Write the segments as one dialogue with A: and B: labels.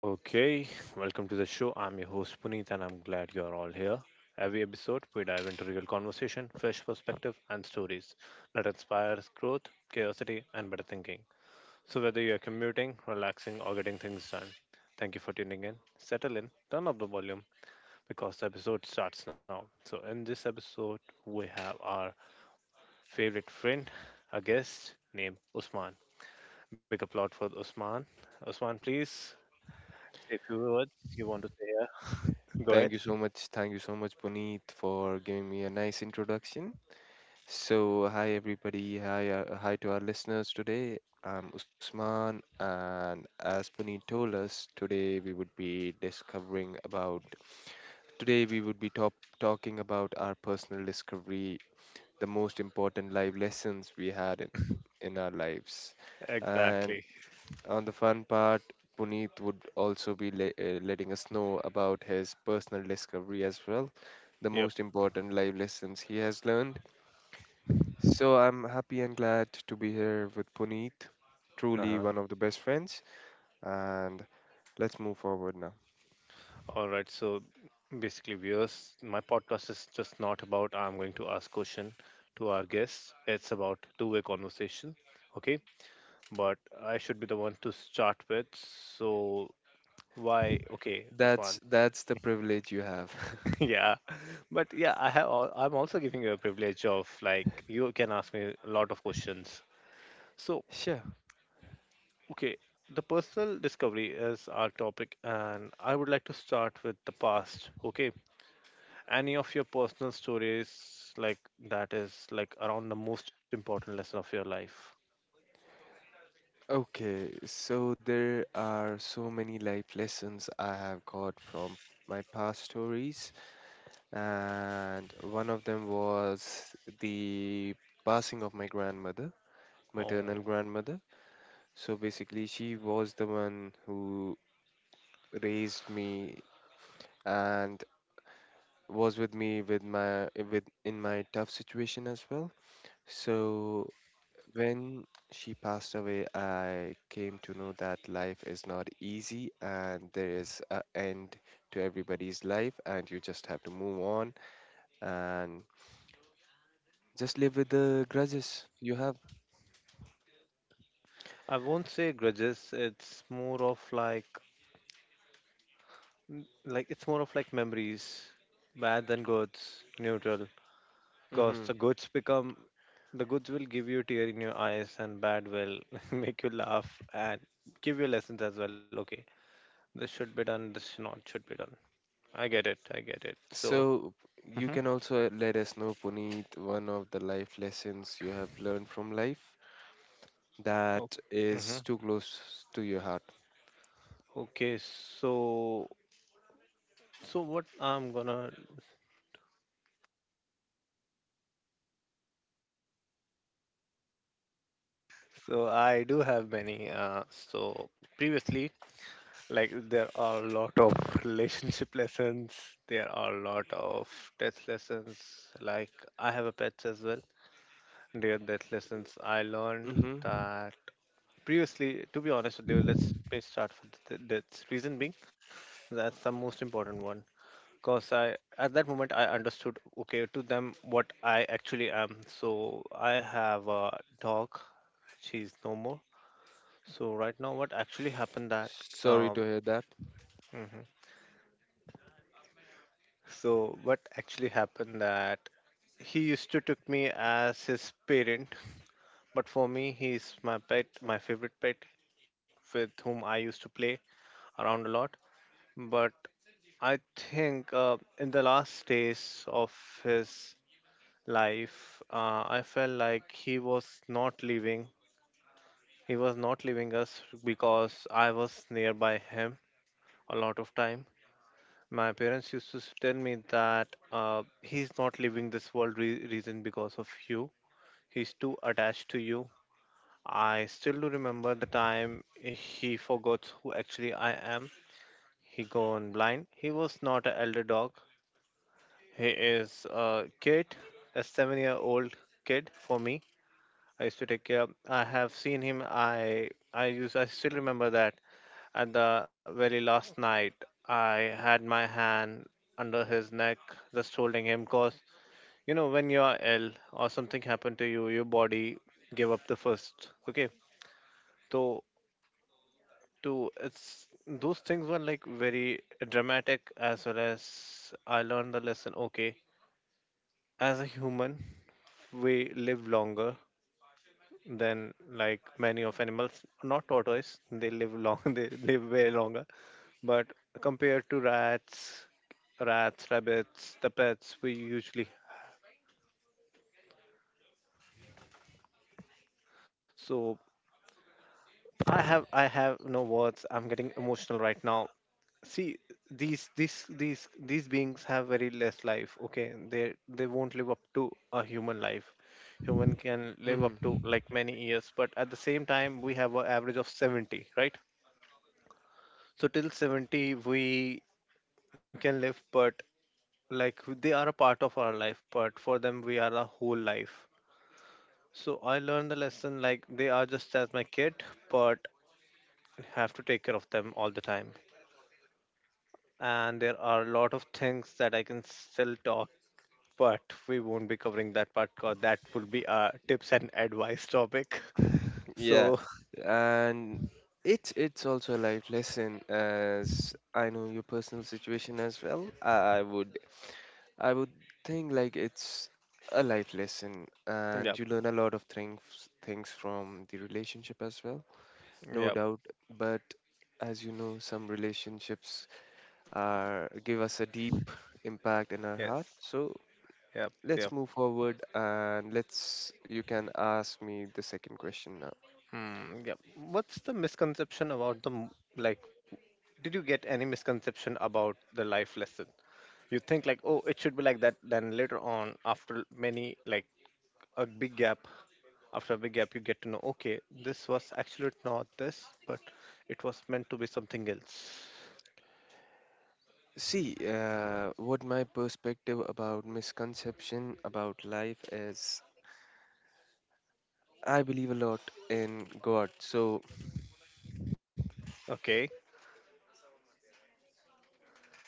A: Okay, welcome to the show. I'm your host Puneet, and I'm glad you're all here. Every episode, we dive into real conversation, fresh perspective, and stories that inspires growth, curiosity, and better thinking. So, whether you're commuting, relaxing, or getting things done, thank you for tuning in. Settle in, turn up the volume because the episode starts now. So, in this episode, we have our favorite friend, a guest named Usman. Big applaud for Usman. Usman, please say a few words you want to say. Go
B: Thank you
A: ahead.
B: so much. Thank you so much, Puneet, for giving me a nice introduction. So, hi everybody. Hi to our listeners today. I'm Usman, and as Puneet told us, today we would be discovering about. Today we would be top talking about our personal discovery, the most important life lessons we had in our lives, and
A: Exactly.
B: on the fun part, Puneet would also be letting us know about his personal discovery as well, the
A: Yep.
B: most important life lessons he has learned. So I'm happy and glad to be here with Puneet, truly
A: Uh-huh.
B: one of the best friends. And let's move forward now.
A: All right. So basically, viewers, my podcast is just not about I'm going to ask question to our guests. It's about two-way conversation. Okay. But I should be the one to start with. So why? Okay, Usman.
B: That's the privilege you have.
A: Yeah. But yeah, I have. I'm also giving you a privilege of like you can ask me a lot of questions. So.
B: Sure.
A: Okay, the personal discovery is our topic, and I would like to start with the past. Okay, any of your personal stories like that is like around the most important lesson of your life?
B: Okay, so there are so many life lessons I have got from my past stories, and one of them was the passing of my grandmother,
A: Oh,
B: maternal grandmother. So basically, she was the one who raised me and was with me with my with in my tough situation as well. So when she passed away, I came to know that life is not easy and there is a end to everybody's life, and you just have to move on and just live with the grudges you have.
A: I won't say grudges. It's more of like it's more of like memories, bad than goods, neutral. Because
B: Mm-hmm.
A: the goods will give you tear in your eyes, and bad will make you laugh and give you lessons as well. Okay. This should be done. This not should be done. I get it. I get it. So,
B: So you
A: mm-hmm.
B: can also let us know, Puneet, one of the life lessons you have learned from life
A: Oh,
B: that
A: mm-hmm.
B: is too close to your heart.
A: Okay. So what I'm gonna. So I do have many. So previously, like there are a lot of relationship lessons. There are a lot of death lessons. Like I have a pets as well. Dear death lessons. I learned
B: Mm-hmm.
A: that previously. To be honest with you, let's start with the deaths. Reason being, that's the most important one. Because I, at that moment, I understood, okay, to them what I actually am. So I have a dog. She's no more. So right now, what actually happened that,
B: Sorry to
A: um,
B: hear that.
A: mhm. So what actually happened that he used to took me as his parent, but for me, he's my pet, my favorite pet, with whom I used to play around a lot. But I think in the last days of his life, I felt like he was not leaving. He was not leaving us because I was nearby him a lot of time. My parents used to tell me that he's not leaving this world reason because of you. He's too attached to you. I still do remember the time he forgot who actually I am. He gone blind. He was not an elder dog. He is a kid, a 7-year-old kid for me. I used to take care. I have seen him. I use. I still remember that at the very last night, I had my hand under his neck, just holding him. Cause you know when you are ill or something happened to you, your body give up the first. Okay, so to it's those things were like very dramatic as well as I learned the lesson. Okay, as a human, we live longer than like many of animals. Not tortoise; they live long, they live way longer. But compared to rats, rabbits, the pets we usually. So I have no words. I'm getting emotional right now. See these beings have very less life. Okay, they won't live up to a human life. Human can live up
B: Mm-hmm.
A: to like many years, but at the same time we have an average of 70, right? So till 70 we can live but like they are a part of our life but for them we are a whole life so I learned the lesson like they are just as my kid but have to take care of them all the time and there are a lot of things that I can still talk but we won't be covering that part because that will be a tips and advice topic.
B: Yeah,
A: So
B: and it's also a life lesson. As I know your personal situation as well, I would think like it's a life lesson, and
A: yep,
B: you learn a lot of things from the relationship as well. No
A: yep.
B: doubt. But as you know, some relationships are give us a deep impact in our
A: Yes.
B: heart. So
A: Yep, yep.
B: let's move forward and let's. You can ask me the second question now.
A: Hmm, yeah. What's the misconception about like? Did you get any misconception about the life lesson? You think like, oh, it should be like that. Then later on, a big gap, after a big gap, you get to know, okay, this was actually not this, but it was meant to be something else.
B: See, what my perspective about misconception about life is. I believe a lot in God. So,
A: Okay,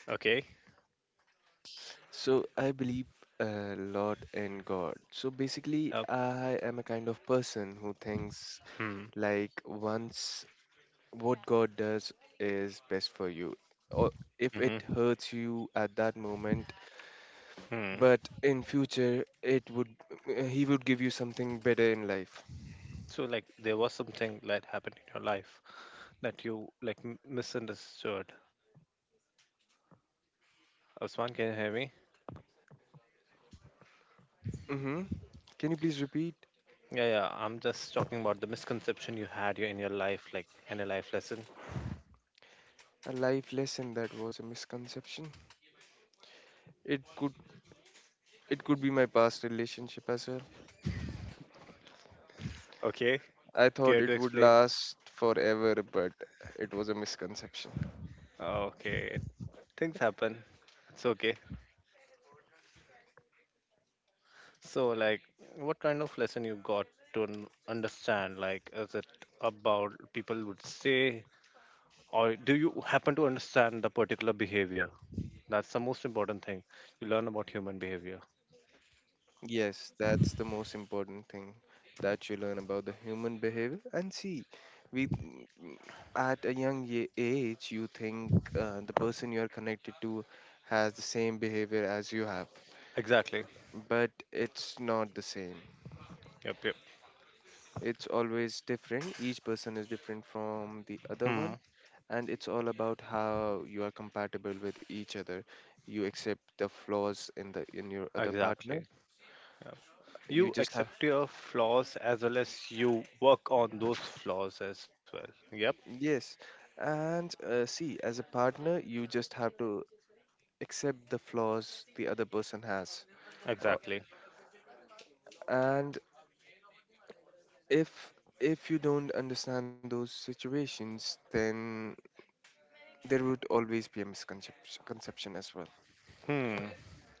A: okay.
B: so I believe a lot in God. So basically,
A: Uh,
B: I am a kind of person who thinks
A: hmm,
B: like once what God does is best for you. Or if
A: hmm,
B: it hurts you at that moment,
A: hmm.
B: but in future it would he would give you something better in life.
A: So like, there was something that happened in your life that you like misunderstood. Osman, can you hear me?
B: hmm Can you please repeat?
A: Yeah, yeah. I'm just talking about the misconception you had in your life, like in a life lesson.
B: A life lesson that was a misconception? It could it could be my past relationship as well.
A: Okay,
B: I thought
A: care to
B: it would
A: explain?
B: last forever, but it was a misconception.
A: Okay, things happen. It's okay. So, like, what kind of lesson you got to understand? Like, is it about people would say, or do you happen to understand the particular behavior? That's the most important thing. You learn about human behavior.
B: Yes, that's the most important thing that you learn about the human behavior. And see, we mm, at a young age, you think the person you are connected to has the same behavior as you have,
A: Exactly.
B: but it's not the same.
A: Yep, yep.
B: It's always different. Each person is different from the other
A: Hmm.
B: one, and it's all about how you are compatible with each other. You accept the flaws in the in your other partner.
A: Exactly.
B: You
A: You
B: just have
A: accept your flaws as well as you work on those flaws as well. Yep,
B: Yes, and see, as a partner, you just have to accept the flaws the other person has. Uh,
A: exactly.
B: and if if you don't understand those situations, then there would always be a misconception as well.
A: Hmm.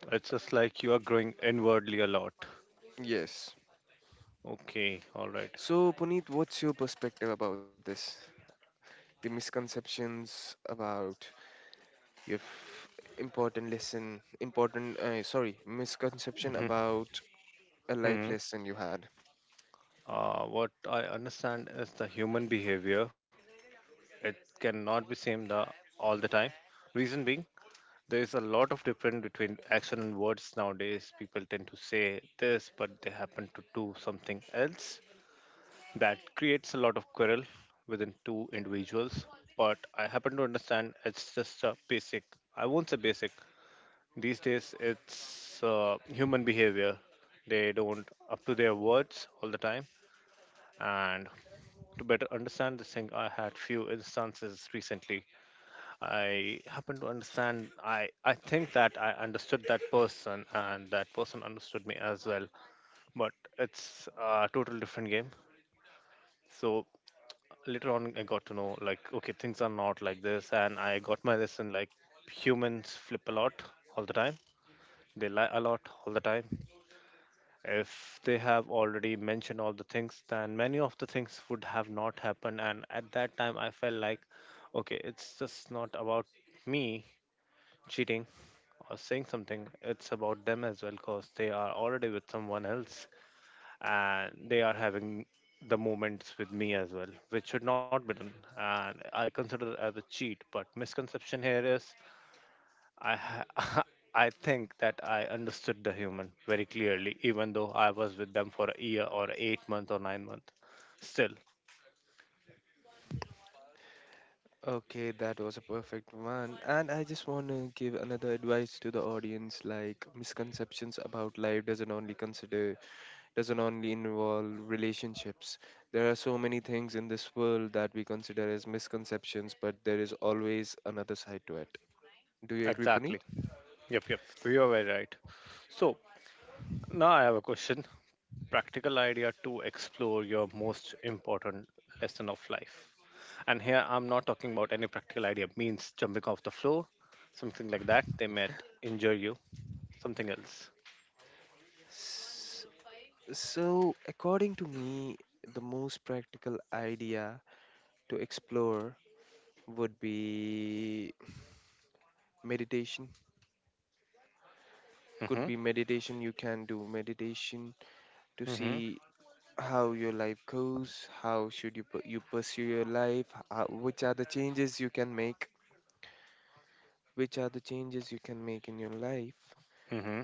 A: It's just like you are growing inwardly a lot.
B: Yes.
A: Okay, all right.
B: So, Puneet, what's your perspective about this? The misconceptions about if important lesson, important, sorry, misconception
A: Mhm,
B: about a life
A: mhm.
B: lesson you had.
A: What I understand is the human behavior. It cannot be same the all the time. Reason being, there is a lot of difference between action and words nowadays. People tend to say this, but they happen to do something else. That creates a lot of quarrel within two individuals, but I happen to understand it's just a basic. I won't say basic. These days, it's human behavior. They don't up to their words all the time. And to better understand this thing, I had few instances recently. I happen to understand. I think that I understood that person, and that person understood me as well. But it's a total different game. So later on I got to know like okay things are not like this and I got my lesson like humans flip a lot all the time they lie a lot all the time if they have already mentioned all the things then many of the things would have not happened and at that time I felt like okay it's just not about me cheating or saying something it's about them as well because they are already with someone else and they are having the moments with me as well, which should not be done. And I consider it as a cheat. But misconception here is I ha- I think that I understood the human very clearly, even though I was with them for a year or 8 month or 9 month. Still,
B: Okay, that was a perfect one. And I just want to give another advice to the audience like misconceptions about life doesn't only involve relationships. There are so many things in this world that we consider as misconceptions, but there is always another side to it. Do you agree, Puneet?
A: exactly. Yep, yep. You are very right. So now I have a question. Practical idea to explore your most important lesson of life. And here I'm not talking about any practical idea, means jumping off the floor, something like that. They might injure you, something else.
B: S- So, according to me, the most practical idea to explore would be meditation.
A: Mm-hmm.
B: You can do meditation to
A: Mm-hmm.
B: see how your life goes, how should you pursue your life, how, which are the changes you can make in your life
A: Mm-hmm.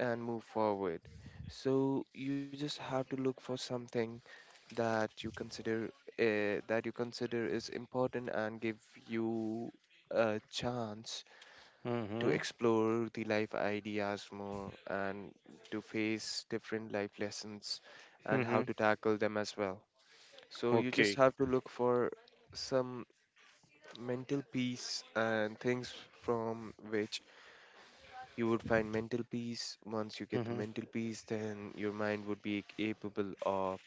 B: and move forward. So you just have to look for something that you consider that you consider is important and give you a chance to
A: Mm-hmm.
B: explore the life ideas more and to face different life lessons and how
A: Mm-hmm.
B: to tackle them as well. So you just
A: Okay.
B: have to look for some mental peace, and things from which you would find mental peace. Once you get the
A: Mm-hmm.
B: mental peace, then your mind would be capable of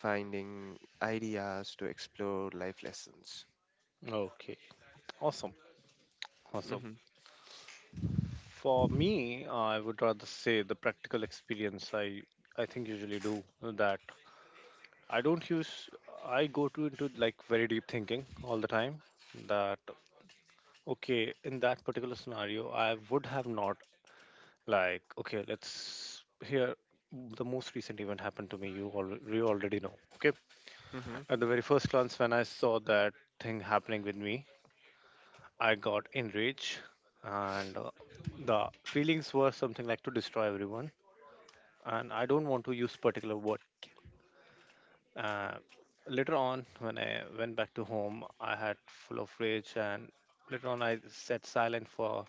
B: finding ideas to explore life lessons.
A: Okay. Awesome. Awesome.
B: Mm-hmm.
A: For me, I would rather say the practical experience I think usually do that. I don't use I go to into like very deep thinking all the time that okay, in that particular scenario, I would have not like okay, let's hear the most recent event happened to me. You already know. Okay,
B: Mm-hmm.
A: at the very first glance, when I saw that thing happening with me, I got enraged, and the feelings were something like to destroy everyone. And I don't want to use particular word. Uh, later on, when I went back to home, I had full of rage, and later on, I sat silent for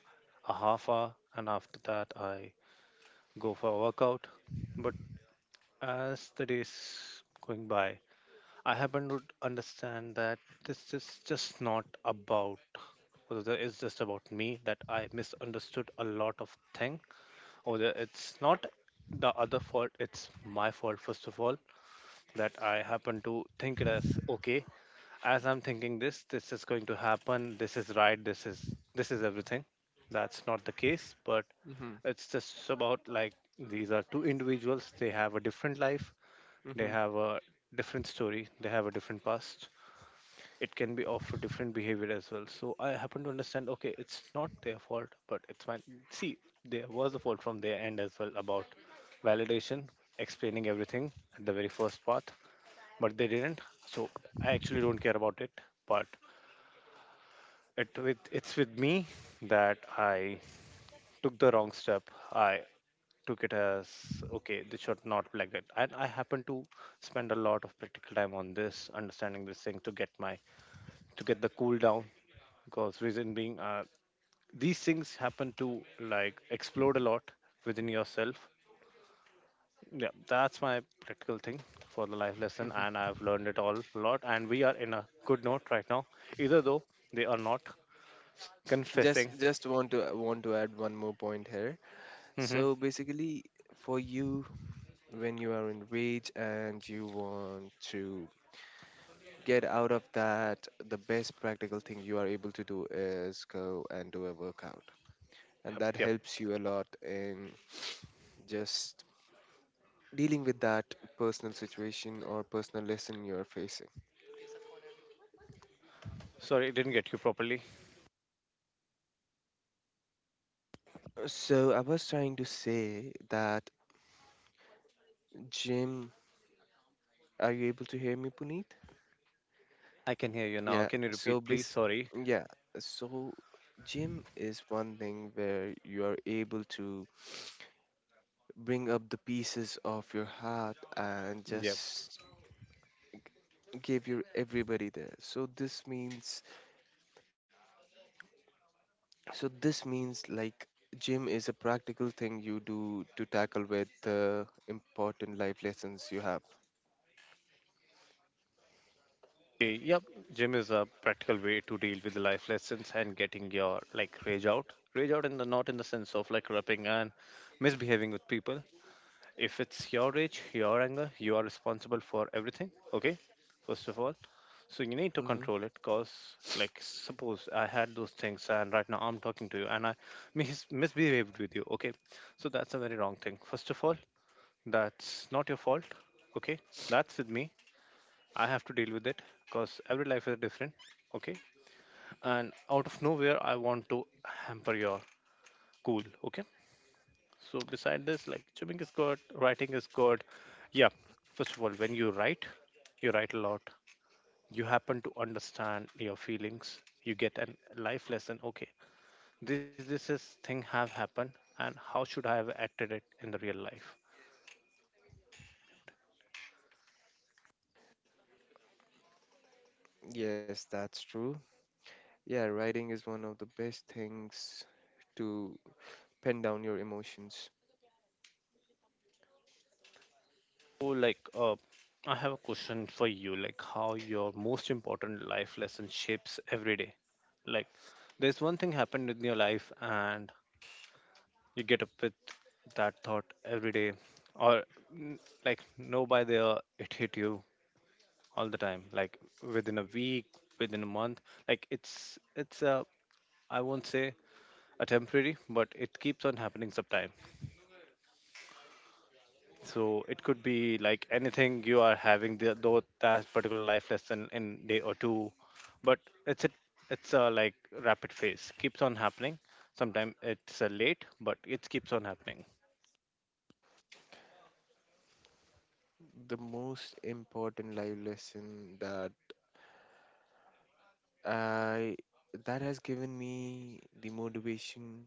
A: a half hour, and after that, I go for a workout. But as the days going by, I happen to understand that this is just not about. Over there, it's just about me that I misunderstood a lot of thing. Over there, it's not the other fault. It's my fault first of all that I happen to think it as okay as I'm thinking this is going to happen, this is right, this is everything. That's not the case, but
B: Mm-hmm.
A: it's just about like these are two individuals, they have a different life, they
B: Mm-hmm.
A: have a different story, they have a different past. It can be of a different behavior as well. So I happen to understand, okay, it's not their fault, but it's fine. See, there was a fault from their end as well about validation, explaining everything at the very first part, but they didn't. So I actually don't care about it. But it's with me that I took the wrong step. I took it as okay, this should not be like that. And I happen to spend a lot of practical time on this, understanding this thing to get my to get the cool down. Because reason being, these things happen to like explode a lot within yourself. Yeah, that's my practical thing for the life lesson, and
B: Mm-hmm.
A: I've learned it all a lot. And we are in a good note right now, either though they are not confessing.
B: Just want to add one more point here.
A: Hmm.
B: So basically, for you, when you are in rage and you want to get out of that, the best practical thing you are able to do is go and do a workout. And
A: Yep,
B: that
A: yep.
B: helps you a lot in just dealing with that personal situation or personal lesson you're facing.
A: Sorry, I didn't get you properly.
B: So I was trying to say that Jim, are you able to hear me, Puneet?
A: I can hear you now.
B: Yeah.
A: Can you
B: So
A: repeat, please? Sorry.
B: yeah. So gym is one thing where you are able to bring up the pieces of your heart, and
A: Yep.
B: just gave you everybody there. So this means, so this means like, gym is a practical thing you do to tackle with the important life lessons you have.
A: Okay, yep. Gym is a practical way to deal with the life lessons and getting your like rage out. Rage out in the not in the sense of like rapping and misbehaving with people. If it's your rage, your anger, you are responsible for everything. Okay. First of all, so you need to control
B: Hmm.
A: it. Cause like suppose I had those things and right now I'm talking to you and I misbehaved with you. Okay. So that's a very wrong thing. First of all. That's not your fault. Okay. That's with me. I have to deal with it because every life is different. Okay. And out of nowhere, I want to hamper your cool. Okay. So, beside this, like chewing is good, writing is good. Yeah. First of all, when you write a lot. You happen to understand your feelings. You get a life lesson. Okay. This is thing have happened and how should I have acted it in the real life?
B: Yes, that's true. Yeah, writing is one of the best things to pen down your emotions.
A: So, like, I have a question for you. Like, how your most important life lesson shapes every day. Like, there's one thing happened in your life, and you get up with that thought every day, or mm, like, no, by the it hit you all the time. Like within a week, within a month. Like it's a I won't say a temporary, but it keeps on happening sometime. So it could be like anything you are having the though that particular life lesson in day or two, but it's a it's a like rapid phase keeps on happening. Sometimes it's late, but it keeps on happening.
B: The most important life lesson i that has given me the motivation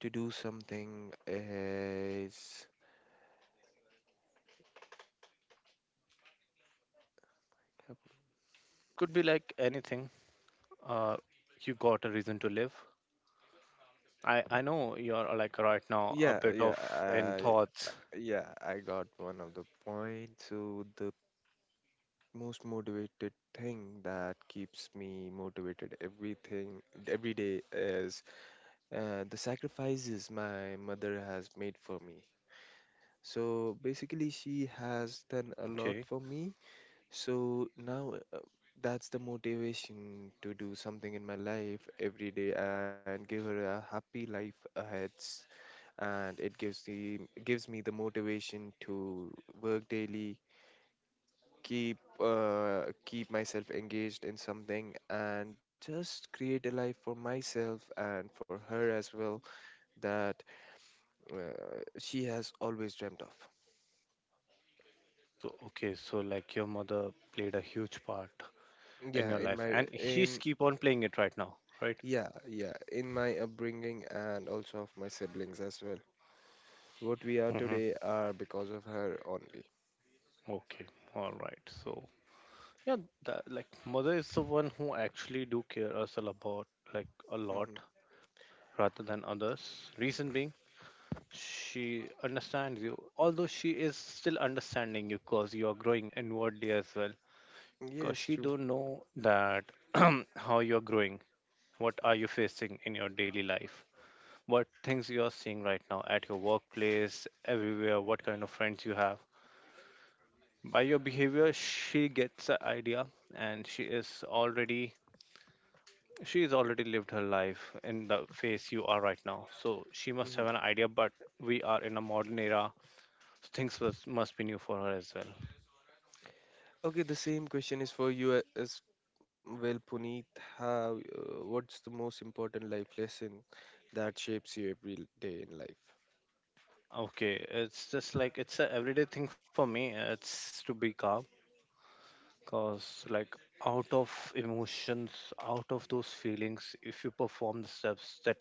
B: to do something is
A: Could be like anything. Uh, you got a reason to live. I know you're like right now a
B: yeah,
A: bit of in
B: yeah.
A: thoughts.
B: Yeah, I got one of the points. So the most motivated thing that keeps me motivated everything every day is the sacrifices my mother has made for me. So basically, she has done a lot
A: Okay.
B: for me. So now, that's the motivation to do something in my life every day and give her a happy life ahead, and it gives the gives me the motivation to work daily, keep myself engaged in something and just create a life for myself and for her as well that she has always dreamt of.
A: So okay. So like your mother played a huge part in
B: yeah
A: your
B: in
A: life,
B: my
A: and she's
B: in
A: keep on playing it right now, right?
B: yeah yeah in my upbringing and also of my siblings as well. What we are
A: Mm-hmm.
B: today are because of her only.
A: Okay, all right. So yeah, that, like mother is the one who actually do care us a about like a lot
B: Hmm.
A: rather than others. Reason being, she understands you, although she is still understanding you because you are growing inwardly as well. Because
B: Yes,
A: she
B: true.
A: don't know that how you are growing, what are you facing in your daily life, what things you are seeing right now at your workplace, everywhere, what kind of friends you have. By your behavior, she gets an idea, and she is already lived her life in the phase you are right now. So she must have an
B: Mm-hmm.
A: idea. But we are in a modern era, so things was, must be new for her as well.
B: Okay, the same question is for you as well, Puneet. How, what's the most important life lesson that shapes you every day in life?
A: Okay, it's just like it's a everyday thing for me. It's to be calm, cause like out of emotions, out of those feelings, if you perform the steps that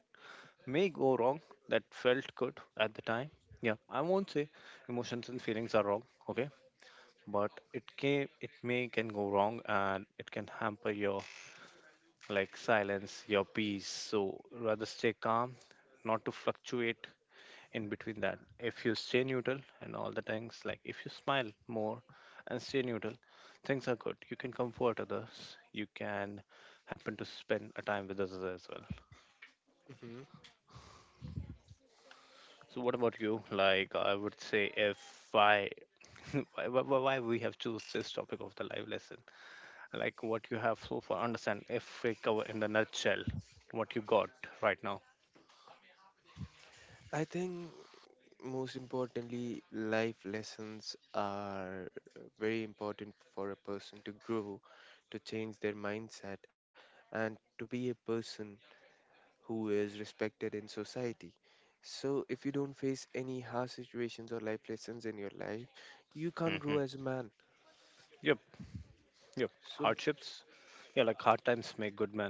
A: may go wrong that felt good at the time. Yeah, I won't say emotions and feelings are wrong, okay? But it can it may can go wrong and it can hamper your like silence, your peace. So rather stay calm, not to fluctuate in between that. If you stay neutral and all the things, like if you smile more and stay neutral, things are good. You can comfort others. You can happen to spend a time with others as well.
B: hmm
A: So what about you? Like I would say if I why we have choose this topic of the live lesson, like what you have so far understand if we cover in the nutshell what you got right now.
B: I think most importantly, life lessons are very important for a person to grow, to change their mindset, and to be a person who is respected in society. So, if you don't face any hard situations or life lessons in your life, you can't
A: Hmm.
B: grow as a man.
A: Yep, yep.
B: So.
A: Hardships. Yeah, like hard times make good men,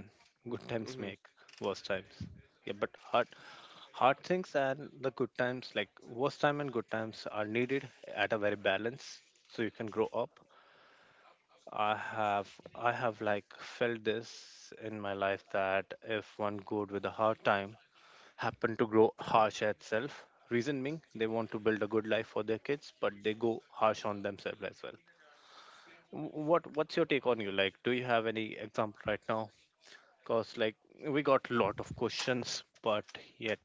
A: good times
B: hmm
A: make worse times. Yeah, but hard things and the good times like worst time and good times are needed at a very balance, so you can grow up. I have I have like felt this in my life that if one good with a hard time happen to grow harsh at self, reason being they want to build a good life for their kids, but they go harsh on themselves as well. What's your take on you? Like, do you have any example right now? Cause like we got lot of questions, but yet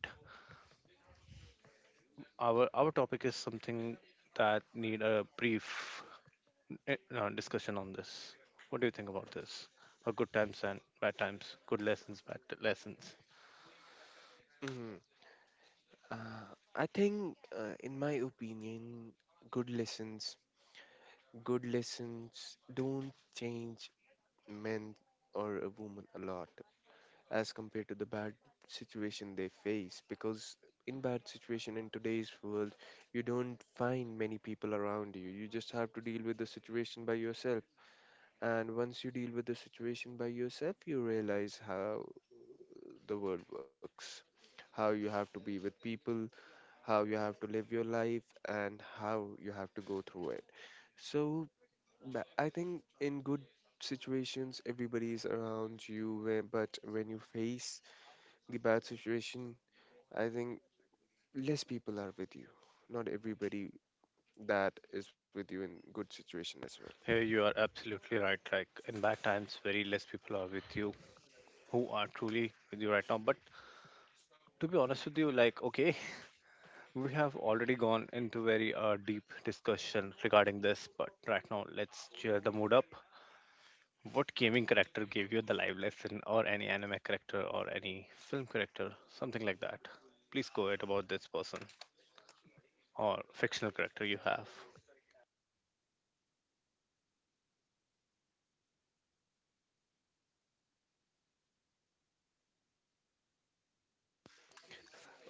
A: our topic is something that need a brief discussion on this. What do you think about this? A good times and bad times, good lessons, lessons.
B: hmm Uh, I think, in my opinion, good lessons, good lessons don't change men or a woman a lot as compared to the bad situation they face. Because in bad situation in today's world, you don't find many people around you. You just have to deal with the situation by yourself. And once you deal with the situation by yourself, you realize how the world works, how you have to be with people, how you have to live your life, and how you have to go through it. So I think in good situations, everybody is around you, but when you face the bad situation, I think less people are with you. Not everybody that is with you in good situation as well.
A: Here you are absolutely right. Like in bad times, very less people are with you who are truly with you right now. But to be honest with you, like okay, we have already gone into very deep discussion regarding this. But right now, let's cheer the mood up. What gaming character gave you the live lesson, or any anime character, or any film character, something like that? Please go ahead about this person. Or fictional character you have.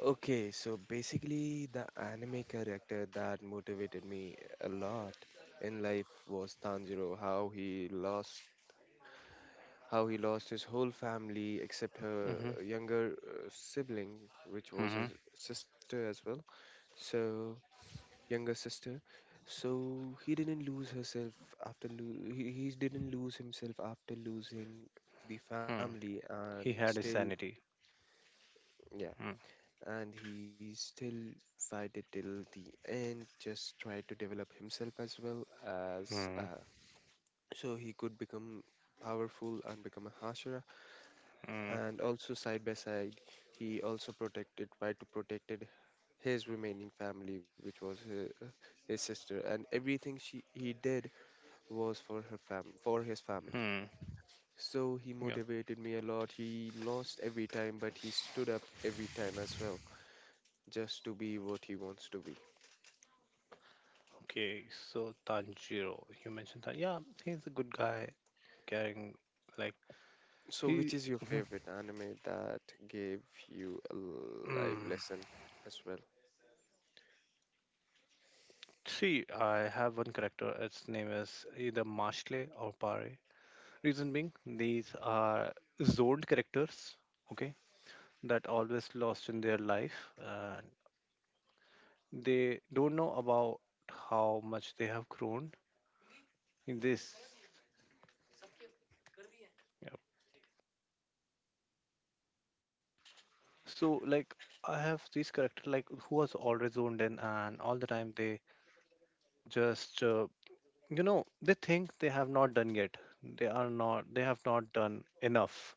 B: Okay, so basically, the anime character that motivated me a lot in life was Tanjiro. How he lost his whole family except her
A: Mm-hmm.
B: younger sibling, which was
A: Mm-hmm.
B: her sister as well. So, younger sister. So he didn't lose herself he didn't lose himself after losing the
A: Hmm.
B: family and
A: He had his
B: still
A: sanity.
B: yeah,
A: Hmm.
B: and he still fight it till the end, just try to develop himself as well as
A: Hmm.
B: so he could become powerful and become a hashira.
A: Hmm.
B: And also side by side, he also protected tried to protected his remaining family, which was his sister. And everything she he did was for his family.
A: Hmm.
B: So he
A: Yeah.
B: motivated me a lot. He lost every time, but he stood up every time as well, just to be what he wants to be.
A: Okay. So Tanjiro, you mentioned that. Yeah, he's a good guy, caring. Like
B: So which
A: he.
B: is your favorite anime that gave you a live
A: Mm,
B: lesson as well?
A: see, I have one character. Its name is either Mashle or Pare. Reason being, these are zoned characters. Okay, that always lost in their life, and they don't know about how much they have grown in this. Yep. So like I have this character like who was always zoned in and all the time they just you know they think they have not done yet. They are not they have not done enough.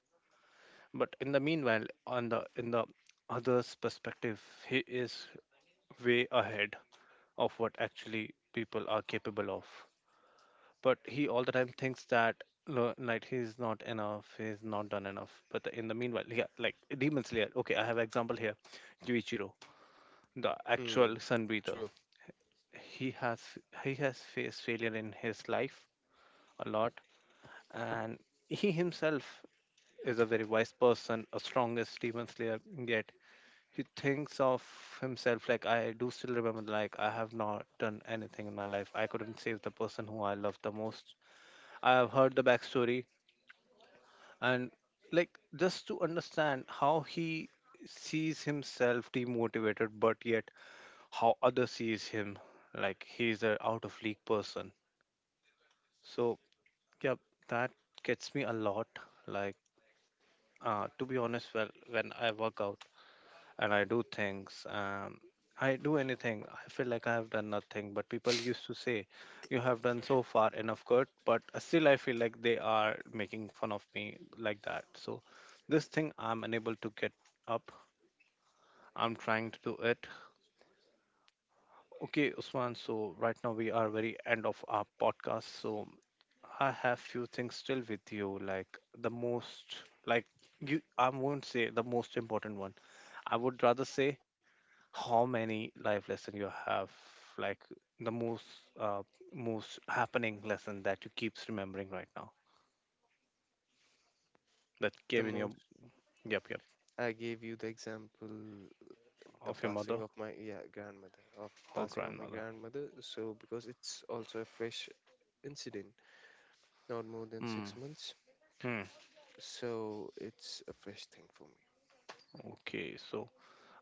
A: But in the meanwhile, on the in the other's perspective, he is way ahead of what actually people are capable of. But he all the time thinks that like he's not enough, he's not done enough, but in the meanwhile, yeah, like Demon Slayer, okay, I have example here. Yuichiro, the actual
B: Hmm.
A: sun breather.
B: True.
A: He has he has faced failure in his life a lot, and he himself is a very wise person, a strongest demon slayer, yet he thinks of himself like I do still remember, like I have not done anything in my life, I couldn't save the person who I love the most. I have heard the backstory, and like just to understand how he sees himself demotivated, but yet how others sees him, like he's a out of league person. So yeah, that gets me a lot. Like to be honest, well when I work out, and I do things. I do anything. I feel like I have done nothing. But people used to say, "You have done so far enough good." But still, I feel like they are making fun of me like that. So, this thing I'm unable to get up. I'm trying to do it. Okay, Usman. So right now we are very end of our podcast. So I have few things still with you. Like the most, like you, I won't say the most important one. I would rather say how many life lesson you have, like the most uh, most happening lesson that you keeps remembering right now that
B: The
A: came in your.
B: most
A: Yep, yep.
B: I gave you the example, the
A: Of your mother.
B: passing of my, grandmother, of
A: Or
B: passing of my
A: grandmother.
B: grandmother, so because it's also a fresh incident, not more than
A: Hmm.
B: 6 months.
A: Hmm.
B: So it's a fresh thing for me.
A: Okay, so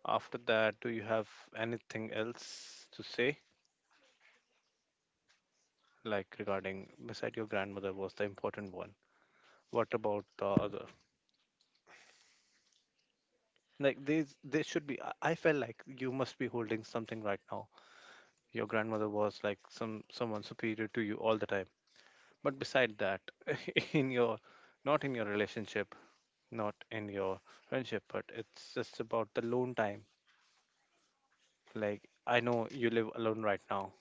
A: after that do you have anything else to say, like regarding beside your grandmother was the important one, what about the other, like these they should be, I felt like you must be holding something right now. Your grandmother was like someone superior to you all the time. But beside that, in your not in your relationship, not in your friendship, but it's just about the lone time. Like I know you live alone right now.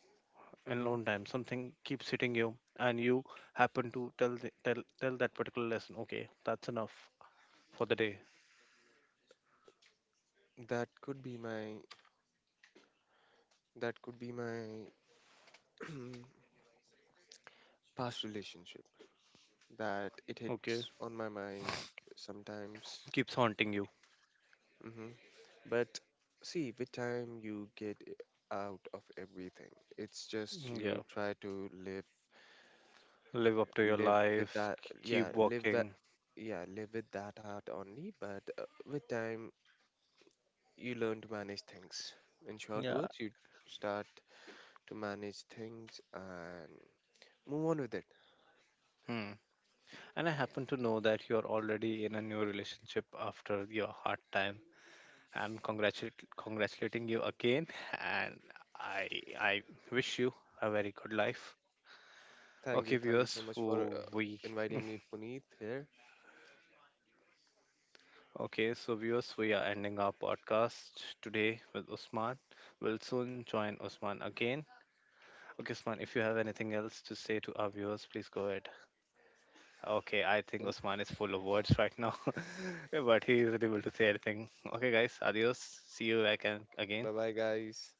A: In
B: Hmm.
A: lone time, something keeps hitting you, and you happen to tell the, tell tell that particular lesson. Okay, that's enough for the day.
B: that could be my that could be my past relationship that it
A: Okay,
B: hits on my mind sometimes.
A: keeps haunting you.
B: Hmm. But see, with time you get out of everything. It's just
A: Mm,
B: you
A: yeah,
B: try to live,
A: live up to your
B: live with
A: life.
B: that. Yeah,
A: Keep working.
B: live with that heart only, but with time you learn to manage things. In short
A: Yeah.
B: words, you start to manage things and move on with it.
A: Hmm. And I happen to know that you're already in a new relationship after your hard time. I'm congratulating you again, and I I wish you a very good life.
B: Thank you,
A: Okay,
B: thank you so
A: viewers,
B: much for
A: who we
B: inviting me, Puneet, here.
A: okay, so viewers, we are ending our podcast today with Usman. We'll soon join Usman again. Okay, Usman, if you have anything else to say to our viewers, please go ahead. Okay, I think Usman is full of words right now, but he isn't able to say anything. Okay, guys, adios. See you back and again.
B: Bye bye, guys.